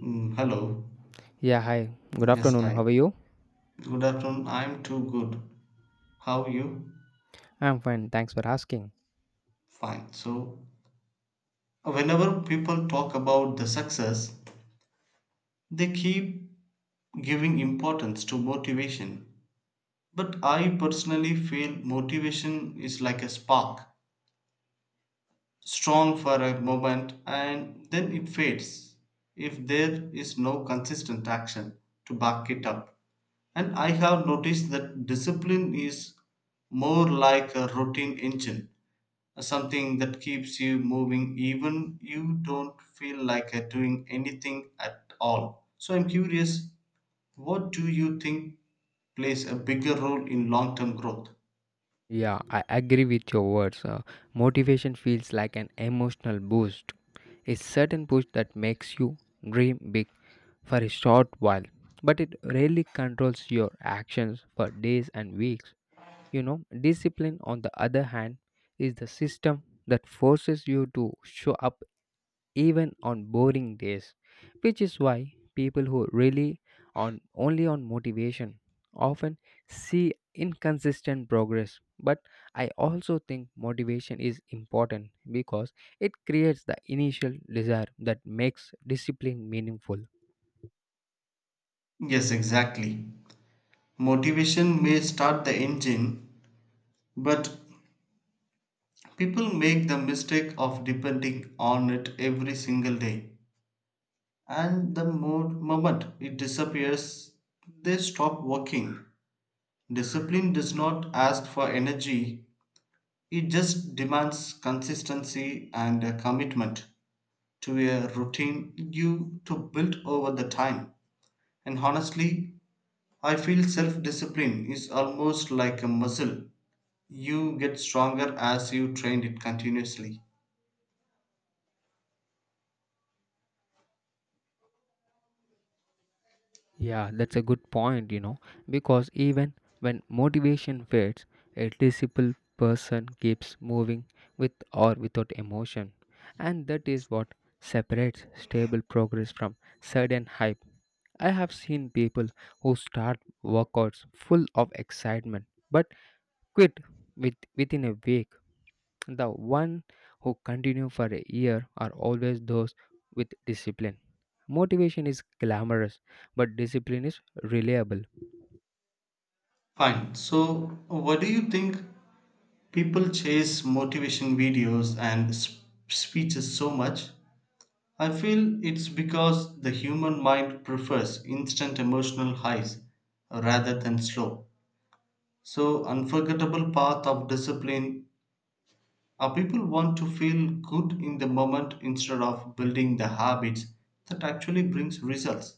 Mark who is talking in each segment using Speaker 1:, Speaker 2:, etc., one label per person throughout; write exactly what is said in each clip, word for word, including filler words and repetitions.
Speaker 1: Mm, hello.
Speaker 2: Yeah, hi. Good
Speaker 1: Yes,
Speaker 2: afternoon.
Speaker 1: hi.
Speaker 2: How are you?
Speaker 1: Good afternoon. I'm too good. How are you?
Speaker 2: I'm fine. Thanks for asking.
Speaker 1: Fine. So, whenever people talk about the success, they keep giving importance to motivation. But I personally feel motivation is like a spark, strong for a moment and then it fades if there is no consistent action to back it up. And I have noticed that discipline is more like a routine engine, something that keeps you moving even you don't feel like uh, doing anything at all. So I'm curious, what do you think plays a bigger role in long term growth?
Speaker 2: Yeah, I agree with your words. Uh, motivation feels like an emotional boost, a certain push that makes you dream big for a short while, but it rarely controls your actions for days and weeks. You know, discipline, on the other hand, is the system that forces you to show up even on boring days, which is why people who rely on only on motivation often see inconsistent progress. But I also think motivation is important because it creates the initial desire that makes discipline meaningful.
Speaker 1: Yes, exactly. Motivation may start the engine, but people make the mistake of depending on it every single day, and the mo- moment it disappears, they stop working. Discipline does not ask for energy, it just demands consistency and a commitment to a routine you to build over the time. And honestly, I feel self discipline is almost like a muscle. You get stronger as you train it continuously.
Speaker 2: Yeah, that's a good point, you know, because even when motivation fades, a disciplined person keeps moving with or without emotion. And that is what separates stable progress from sudden hype. I have seen people who start workouts full of excitement but quit with, within a week. The one who continue for a year are always those with discipline. Motivation is glamorous, but discipline is reliable.
Speaker 1: Fine. So, what do you think people chase motivation videos and sp- speeches so much? I feel it's because the human mind prefers instant emotional highs rather than slow. So, unforgettable path of discipline. Our people want to feel good in the moment instead of building the habits that actually brings results.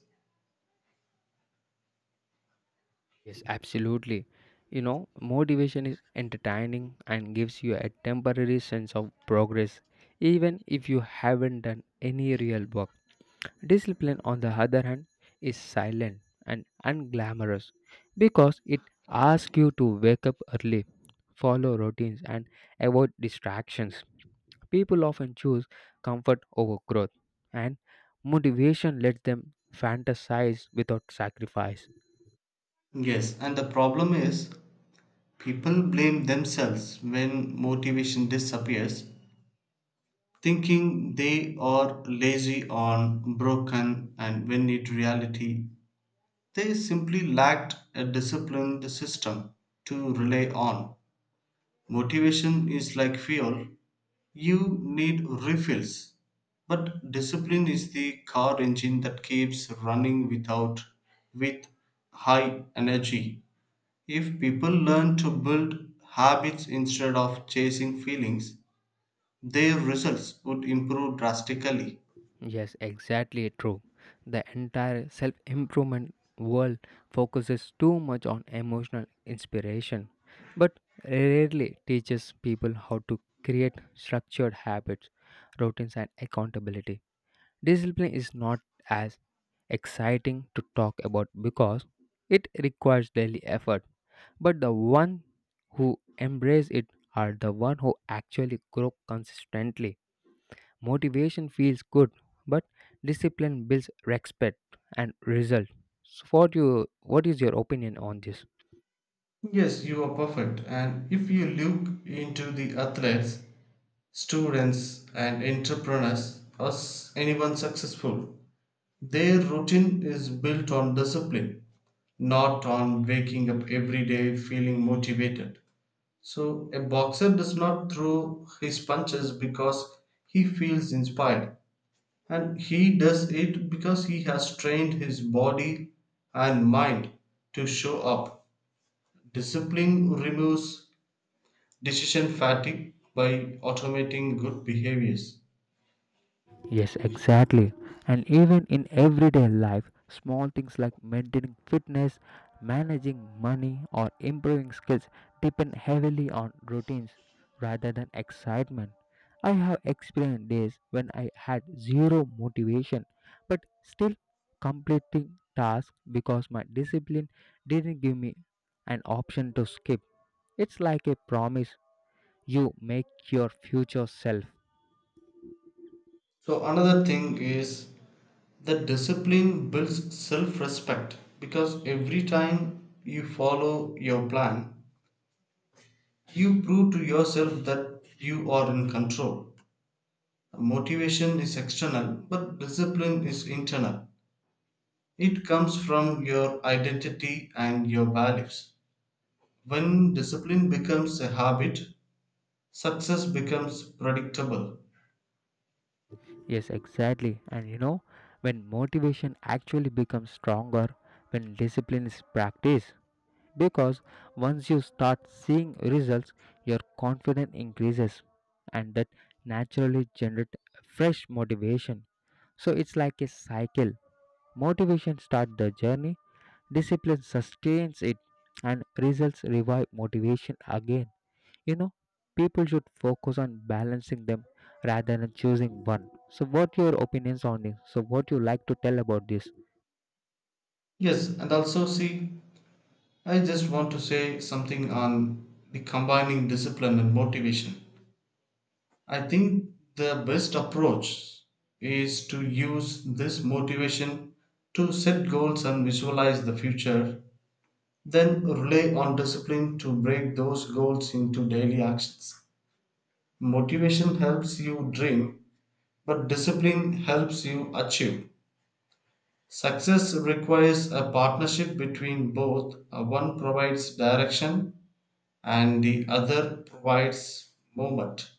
Speaker 2: Yes, absolutely. You know, motivation is entertaining and gives you a temporary sense of progress, even if you haven't done any real work. Discipline, on the other hand, is silent and unglamorous because it asks you to wake up early, follow routines, and avoid distractions. People often choose comfort over growth, and motivation lets them fantasize without sacrifice.
Speaker 1: Yes, and the problem is people blame themselves when motivation disappears thinking they are lazy or broken and when in reality they simply lacked a disciplined system to rely on. Motivation is like fuel, you need refills, but discipline is the car engine that keeps running without, with high energy. If people learn to build habits instead of chasing feelings, their results would improve drastically.
Speaker 2: Yes, exactly true. The entire self improvement world focuses too much on emotional inspiration, but rarely teaches people how to create structured habits, routines, and accountability. Discipline is not as exciting to talk about because it requires daily effort, but the one who embrace it are the one who actually grow consistently. Motivation feels good, but discipline builds respect and result. So what you what is your opinion on this?
Speaker 1: Yes, you are perfect. And if you look into the athletes, students, and entrepreneurs, or s- anyone successful, their routine is built on discipline, not on waking up every day feeling motivated. So, a boxer does not throw his punches because he feels inspired, and he does it because he has trained his body and mind to show up. Discipline removes decision fatigue by automating good behaviors.
Speaker 2: Yes, exactly. And even in everyday life, small things like maintaining fitness, managing money, or improving skills depend heavily on routines rather than excitement. I have experienced days when I had zero motivation but still completing tasks because my discipline didn't give me an option to skip. It's like a promise you make your future self.
Speaker 1: So, another thing is that discipline builds self respect because every time you follow your plan, you prove to yourself that you are in control. Motivation is external, but discipline is internal. It comes from your identity and your values. When discipline becomes a habit, success becomes predictable.
Speaker 2: Yes, exactly. And you know, when motivation actually becomes stronger when discipline is practiced, because once you start seeing results, your confidence increases and that naturally generate fresh motivation. So it's like a cycle. Motivation starts the journey, discipline sustains it, and results revive motivation again. You know, people should focus on balancing them rather than choosing one. So, what your opinions on this? So, what you like to tell about this?
Speaker 1: Yes, and also see, I just want to say something on the combining discipline and motivation. I think the best approach is to use this motivation to set goals and visualize the future, then rely on discipline to break those goals into daily actions. Motivation helps you dream, but discipline helps you achieve. Success requires a partnership between both. Uh, One provides direction, and the other provides movement.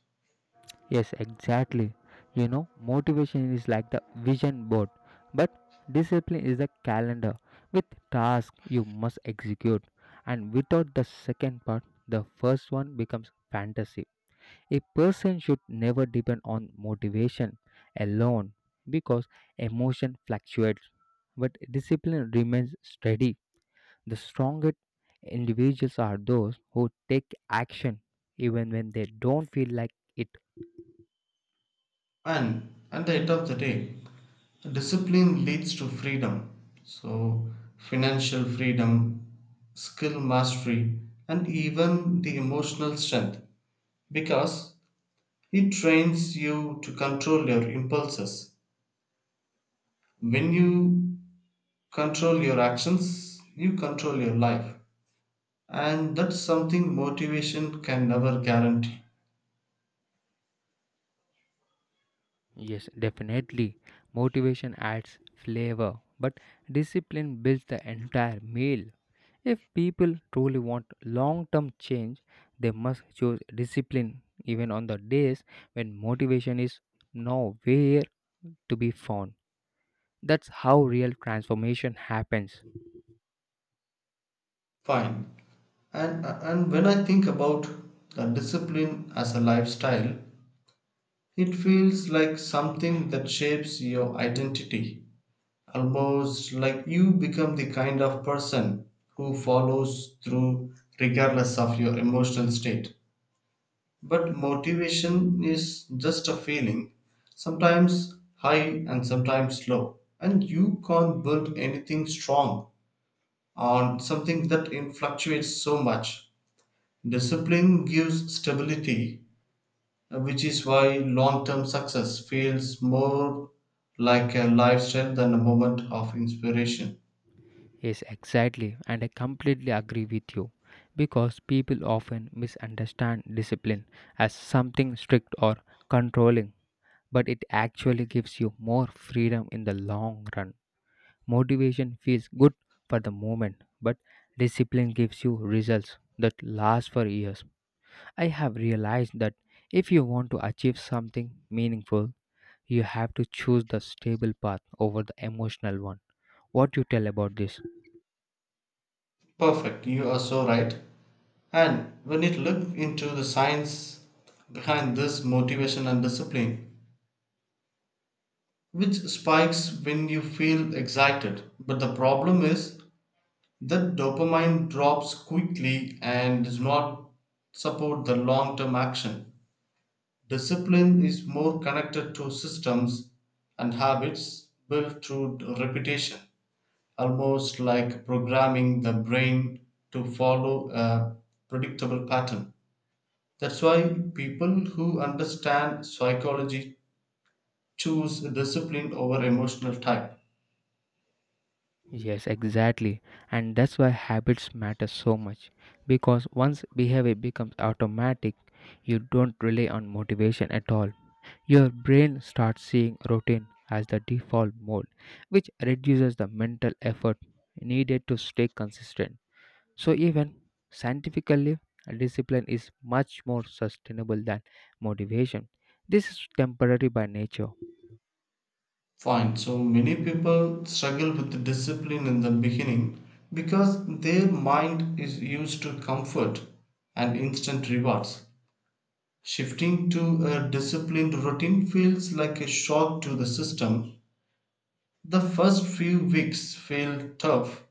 Speaker 2: Yes, exactly. You know, motivation is like the vision board, but discipline is the calendar with tasks you must execute. And without the second part, the first one becomes fantasy. A person should never depend on motivation alone because emotion fluctuates, but discipline remains steady. The strongest individuals are those who take action even when they don't feel like it.
Speaker 1: And at the end of the day, discipline leads to freedom. So, financial freedom, skill mastery, and even the emotional strength because it trains you to control your impulses. When you control your actions, you control your life. And that's something motivation can never guarantee.
Speaker 2: Yes, definitely. Motivation adds flavor, but discipline builds the entire meal. If people truly want long term change, they must choose discipline even on the days when motivation is nowhere to be found. That's how real transformation happens.
Speaker 1: Fine. And and when I think about the discipline as a lifestyle, it feels like something that shapes your identity. Almost like you become the kind of person who follows through regardless of your emotional state. But motivation is just a feeling, sometimes high and sometimes low. And you can't build anything strong on something that fluctuates so much. Discipline gives stability, uh, which is why long term success feels more like a lifestyle than a moment of inspiration.
Speaker 2: Yes, exactly, and I completely agree with you because people often misunderstand discipline as something strict or controlling but it actually gives you more freedom in the long run. Motivation feels good for the moment, but discipline gives you results that last for years. I have realized that if you want to achieve something meaningful, you have to choose the stable path over the emotional one. What you tell about this?
Speaker 1: Perfect, you are so right. And when you look into the science behind this motivation and discipline, which spikes when you feel excited. But the problem is that dopamine drops quickly and does not support the long term action. Discipline is more connected to systems and habits built through repetition, almost like programming the brain to follow a predictable pattern. That's why people who understand psychology choose discipline over emotional type.
Speaker 2: Yes, exactly. And that's why habits matter so much because once behavior becomes automatic, you don't rely on motivation at all. Your brain starts seeing routine as the default mode, which reduces the mental effort needed to stay consistent. So, even scientifically, discipline is much more sustainable than motivation. This is temporary by nature.
Speaker 1: Fine, so many people struggle with discipline in the beginning because their mind is used to comfort and instant rewards. Shifting to a disciplined routine feels like a shock to the system. The first few weeks feel tough,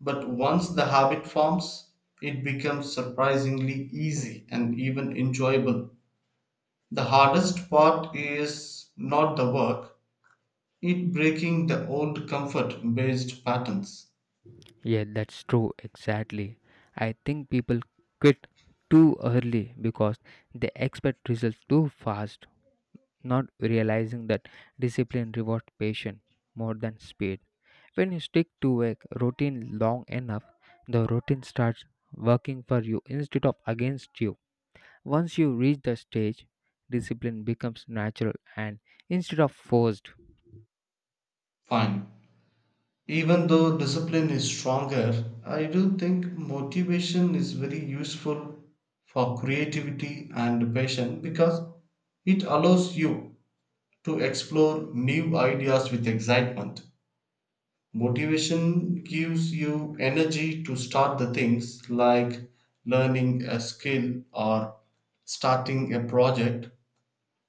Speaker 1: but once the habit forms, it becomes surprisingly easy and even enjoyable. The hardest part is not the work, it breaking the old comfort based patterns.
Speaker 2: Yeah, that's true, exactly. I think people quit too early because they expect results too fast not realizing that discipline rewards patience more than speed. When you stick to a routine long enough, the routine starts working for you instead of against you. Once you reach the stage, discipline becomes natural and instead of forced.
Speaker 1: Fine. Even though discipline is stronger, I do think motivation is very useful for creativity and passion because it allows you to explore new ideas with excitement. Motivation gives you energy to start the things like learning a skill or starting a project,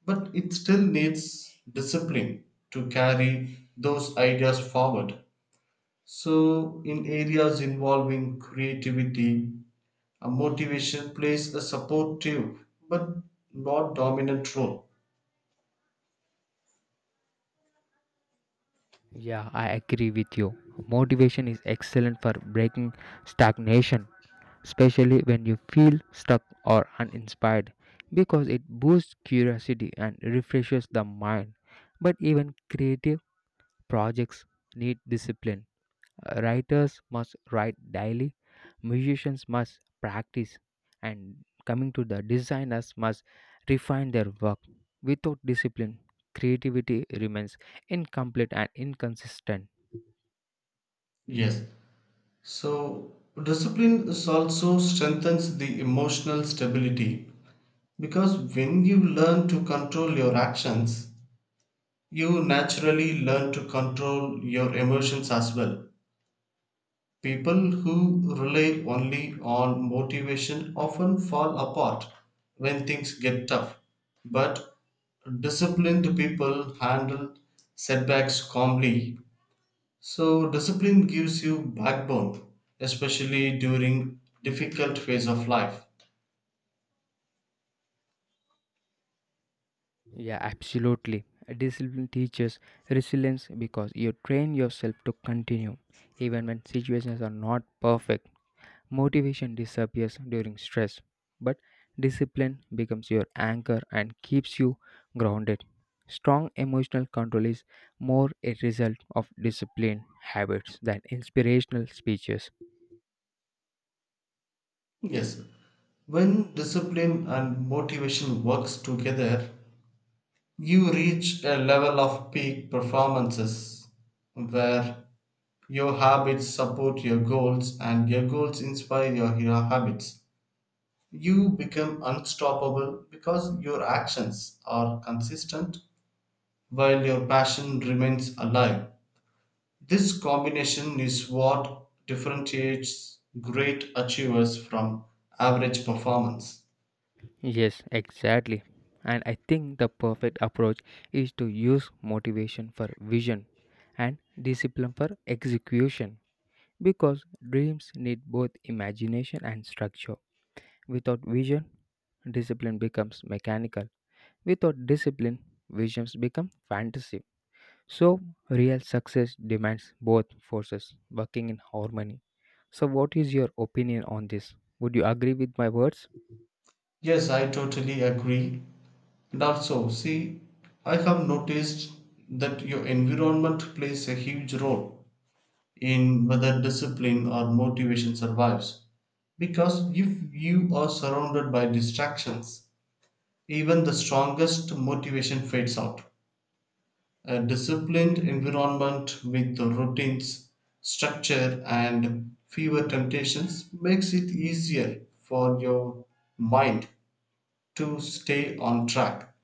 Speaker 1: but it still needs discipline to carry those ideas forward. So, in areas involving creativity, a motivation plays a supportive but not dominant role.
Speaker 2: Yeah, I agree with you. Motivation is excellent for breaking stagnation, especially when you feel stuck or uninspired, because it boosts curiosity and refreshes the mind. But even creative projects need discipline. Writers must write daily, musicians must practice, and coming to the designers must refine their work. Without discipline, creativity remains incomplete and inconsistent.
Speaker 1: Yes. So, discipline is also strengthens the emotional stability because when you learn to control your actions, you naturally learn to control your emotions as well. People who rely only on motivation often fall apart when things get tough, but disciplined people handle setbacks calmly. So, discipline gives you backbone, especially during difficult phase of life.
Speaker 2: Yeah, absolutely. Discipline teaches resilience because you train yourself to continue even when situations are not perfect. Motivation disappears during stress, but discipline becomes your anchor and keeps you grounded. Strong emotional control is more a result of disciplined habits than inspirational speeches.
Speaker 1: Yes, when discipline and motivation works together, you reach a level of peak performances where your habits support your goals and your goals inspire your, your habits. You become unstoppable because your actions are consistent while your passion remains alive. This combination is what differentiates great achievers from average performance.
Speaker 2: Yes, exactly. And I think the perfect approach is to use motivation for vision and discipline for execution because dreams need both imagination and structure. Without vision, discipline becomes mechanical. Without discipline, visions become fantasy. So, real success demands both forces working in harmony. So, what is your opinion on this? Would you agree with my words?
Speaker 1: Yes, I totally agree. That's so. See, I have noticed that your environment plays a huge role in whether discipline or motivation survives. Because if you are surrounded by distractions, even the strongest motivation fades out. A disciplined environment with the routines, structure, and fewer temptations makes it easier for your mind to stay on track.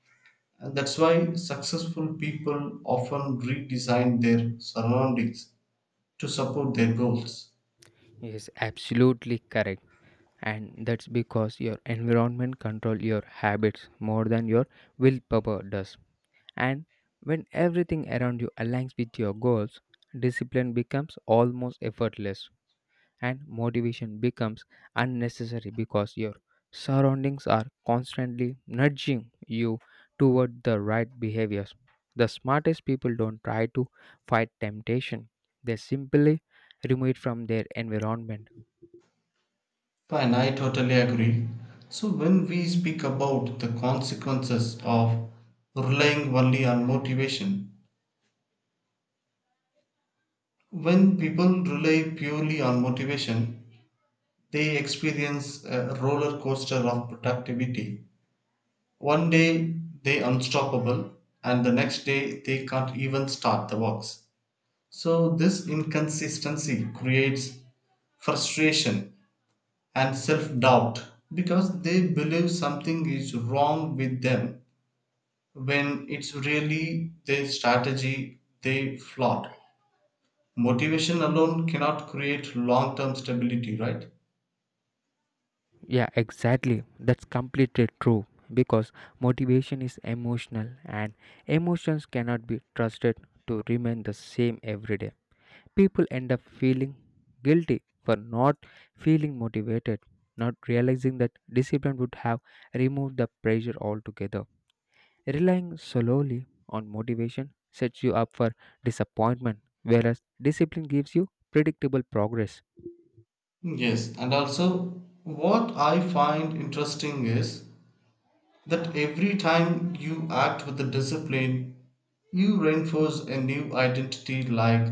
Speaker 1: And that's why successful people often redesign their surroundings to support their goals.
Speaker 2: Yes, absolutely correct. And that's because your environment control your habits more than your willpower does, and when everything around you aligns with your goals, discipline becomes almost effortless and motivation becomes unnecessary because your surroundings are constantly nudging you toward the right behaviors. The smartest people don't try to fight temptation, they simply remove it from their environment.
Speaker 1: Fine, I totally agree. So, when we speak about the consequences of relying only on motivation, when people rely purely on motivation, they experience a roller coaster of productivity. One day they unstoppable, and the next day they can't even start the works. So, this inconsistency creates frustration and self doubt because they believe something is wrong with them when it's really their strategy they flawed. Motivation alone cannot create long term stability, right?
Speaker 2: Yeah, exactly. That's completely true because motivation is emotional and emotions cannot be trusted to remain the same every day. People end up feeling guilty for not feeling motivated, not realizing that discipline would have removed the pressure altogether. Relying solely on motivation sets you up for disappointment, whereas discipline gives you predictable progress.
Speaker 1: Yes, and also what I find interesting is that every time you act with the discipline, you reinforce a new identity like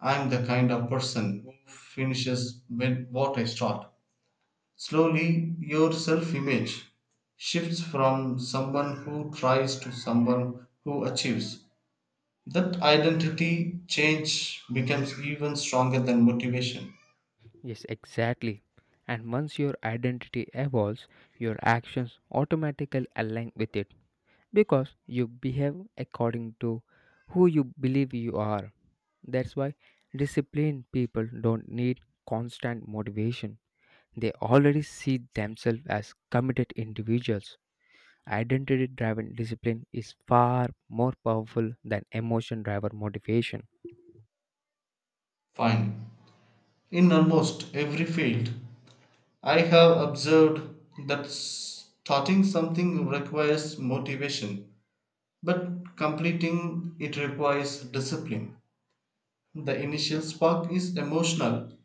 Speaker 1: I'm the kind of person who finishes when what I start. Slowly, your self image shifts from someone who tries to someone who achieves. That identity change becomes even stronger than motivation.
Speaker 2: Yes, exactly. And once your identity evolves, your actions automatically align with it because you behave according to who you believe you are. That's why disciplined people don't need constant motivation. They already see themselves as committed individuals. Identity driven discipline is far more powerful than emotion driven motivation.
Speaker 1: Fine. In almost every field, I have observed that starting something requires motivation, but completing it requires discipline. The initial spark is emotional,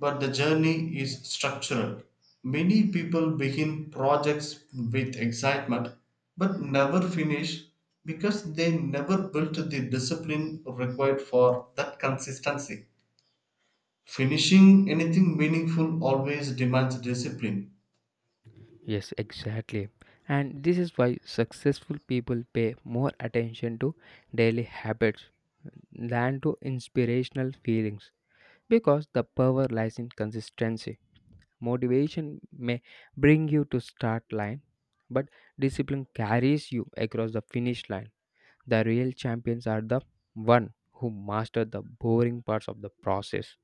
Speaker 1: but the journey is structural. Many people begin projects with excitement but never finish because they never built the discipline required for that consistency. Finishing anything meaningful always demands discipline.
Speaker 2: Yes, exactly. And this is why successful people pay more attention to daily habits than to inspirational feelings because the power lies in consistency. Motivation may bring you to start line, but discipline carries you across the finish line. The real champions are the one who master the boring parts of the process.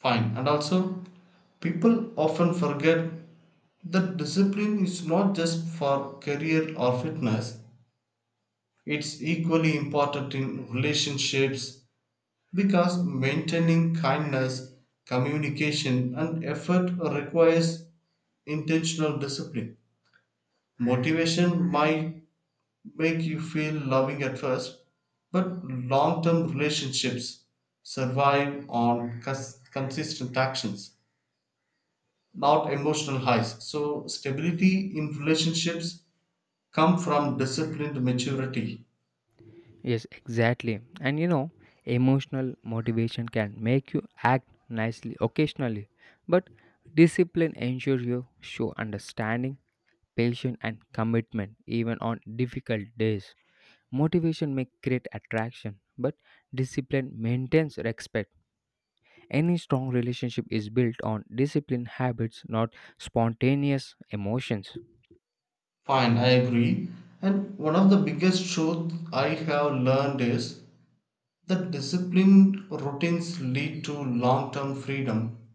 Speaker 1: Fine. And also, people often forget that discipline is not just for career or fitness, it's equally important in relationships because maintaining kindness, communication, and effort requires intentional discipline. Motivation might make you feel loving at first, but long term relationships survive on cons- consistent actions, not emotional highs. So stability in relationships come from disciplined maturity.
Speaker 2: Yes, exactly. And you know, emotional motivation can make you act nicely occasionally, but discipline ensures you show understanding, patience, and commitment even on difficult days. Motivation may create attraction, but discipline maintains respect. Any strong relationship is built on discipline habits, not spontaneous emotions.
Speaker 1: Fine, I agree. And one of the biggest truth I have learned is that disciplined routines lead to long-term freedom,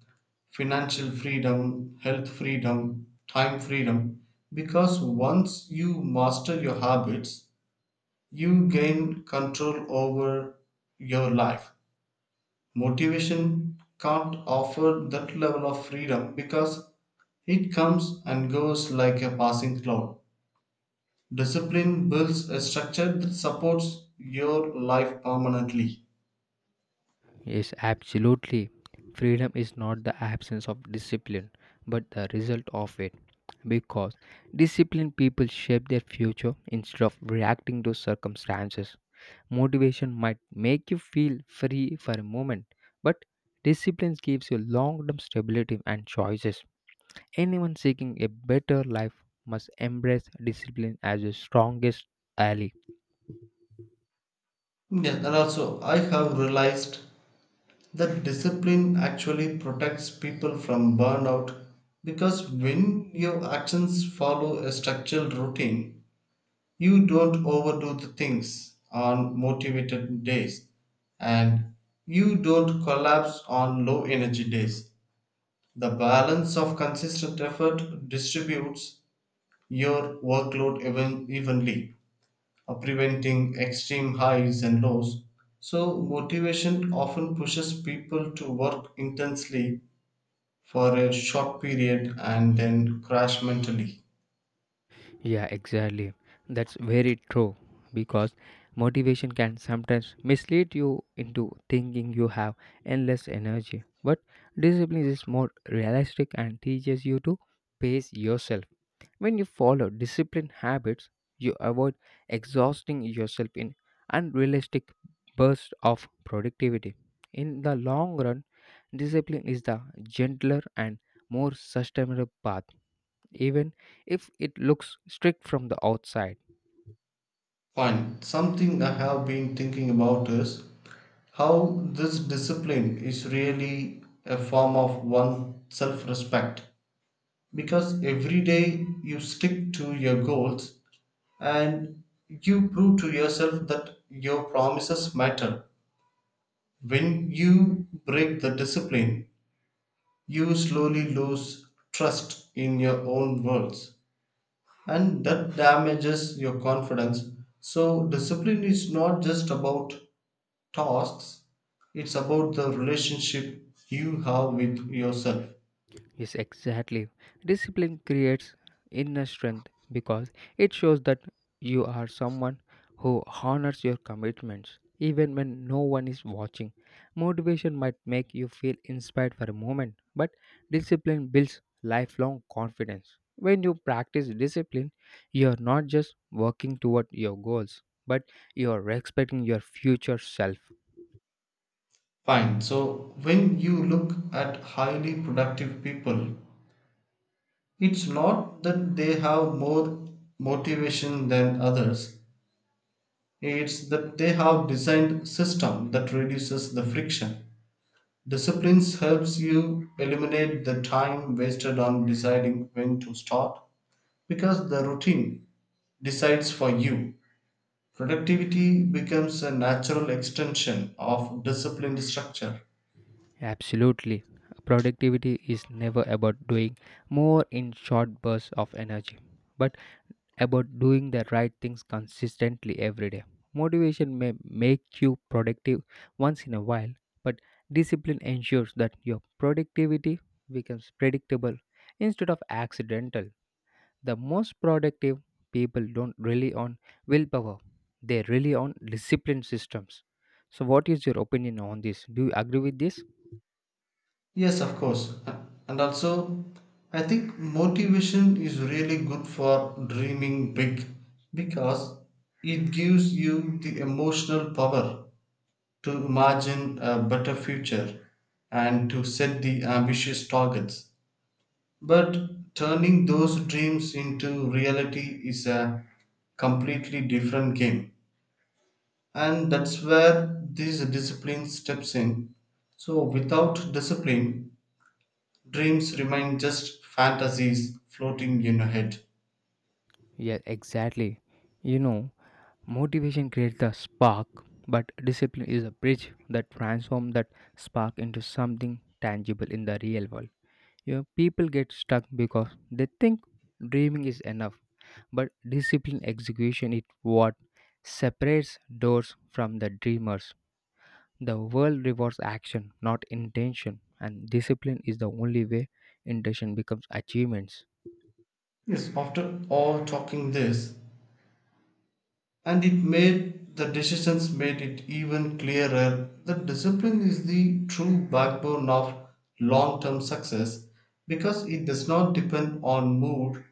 Speaker 1: financial freedom, health freedom, time freedom. Because once you master your habits, you gain control over your life. Motivation can't offer that level of freedom because it comes and goes like a passing cloud. Discipline builds a structure that supports your life permanently.
Speaker 2: Yes, absolutely. Freedom is not the absence of discipline, but the result of it. Because disciplined people shape their future instead of reacting to circumstances. Motivation might make you feel free for a moment, but discipline gives you long term stability and choices. Anyone seeking a better life must embrace discipline as your strongest ally.
Speaker 1: Yes, and also I have realized that discipline actually protects people from burnout because when your actions follow a structured routine, you don't overdo the things on motivated days and you don't collapse on low energy days. The balance of consistent effort distributes your workload even, evenly, uh, preventing extreme highs and lows. So, motivation often pushes people to work intensely for a short period and then crash mentally.
Speaker 2: Yeah, exactly. That's very true because motivation can sometimes mislead you into thinking you have endless energy. But discipline is more realistic and teaches you to pace yourself. When you follow disciplined habits, you avoid exhausting yourself in unrealistic bursts of productivity. In the long run, discipline is the gentler and more sustainable path even if it looks strict from the outside.
Speaker 1: Fine. Something I have been thinking about is how this discipline is really a form of one self respect because every day you stick to your goals and you prove to yourself that your promises matter. When you break the discipline, you slowly lose trust in your own words and that damages your confidence. So, discipline is not just about tasks, it's about the relationship you have with yourself.
Speaker 2: Yes, exactly. Discipline creates inner strength because it shows that you are someone who honors your commitments even when no one is watching. Motivation might make you feel inspired for a moment, but discipline builds lifelong confidence. When you practice discipline, you are not just working toward your goals, but you are respecting your future self.
Speaker 1: Fine, so when you look at highly productive people, it's not that they have more motivation than others, it's that they have designed system that reduces the friction. Disciplines helps you eliminate the time wasted on deciding when to start because the routine decides for you. Productivity becomes a natural extension of disciplined structure.
Speaker 2: Absolutely. Productivity is never about doing more in short bursts of energy, but about doing the right things consistently every day. Motivation may make you productive once in a while, but discipline ensures that your productivity becomes predictable instead of accidental. The most productive people don't rely on willpower, they rely on discipline systems. So, what is your opinion on this? Do you agree with this?
Speaker 1: Yes, of course. And also, I think motivation is really good for dreaming big because it gives you the emotional power to imagine a better future and to set the ambitious targets. But turning those dreams into reality is a completely different game, and that's where this discipline steps in. So without discipline, dreams remain just fantasies floating in your head.
Speaker 2: Yeah, exactly. You know, motivation creates the spark, but discipline is a bridge that transforms that spark into something tangible in the real world. You know, people get stuck because they think dreaming is enough, but discipline execution is what separates those from the dreamers. The world rewards action, not intention, and discipline is the only way intention becomes achievements.
Speaker 1: Yes, after all talking this and it made the decisions made it even clearer that discipline is the true backbone of long-term success because it does not depend on mood,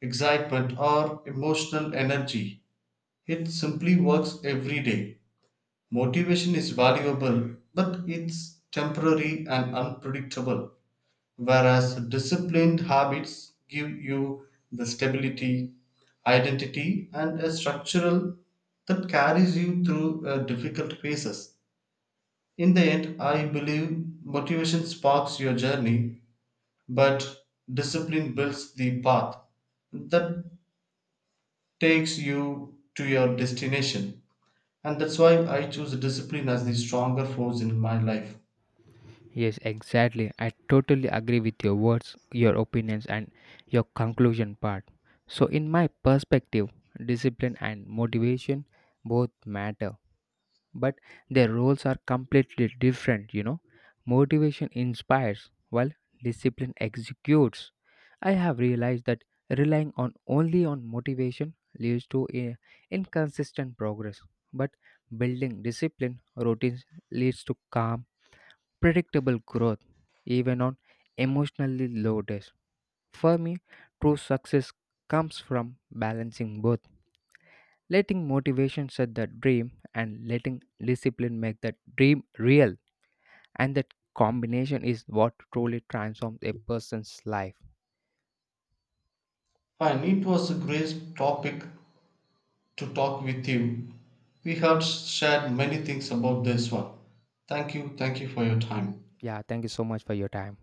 Speaker 1: excitement or emotional energy, it simply works every day. Motivation is valuable, but it's temporary and unpredictable, whereas disciplined habits give you the stability, identity, and a structural that carries you through uh, difficult phases. In the end, I believe motivation sparks your journey, but discipline builds the path that takes you to your destination. And that's why I choose discipline as the stronger force in my life.
Speaker 2: Yes, exactly. I totally agree with your words, your opinions, and your conclusion part. So, in my perspective, discipline and motivation both matter, but their roles are completely different, you know. Motivation inspires, while discipline executes. I have realized that relying on only on motivation leads to a inconsistent progress, but building discipline routines leads to calm predictable growth, even on emotionally low days. For me, true success comes from balancing both, letting motivation set the dream and letting discipline make that dream real. And that combination is what truly transforms a person's life.
Speaker 1: Fine, it was a great topic to talk with you. We have shared many things about this one. Thank you, thank you for your time.
Speaker 2: Yeah, thank you so much for your time.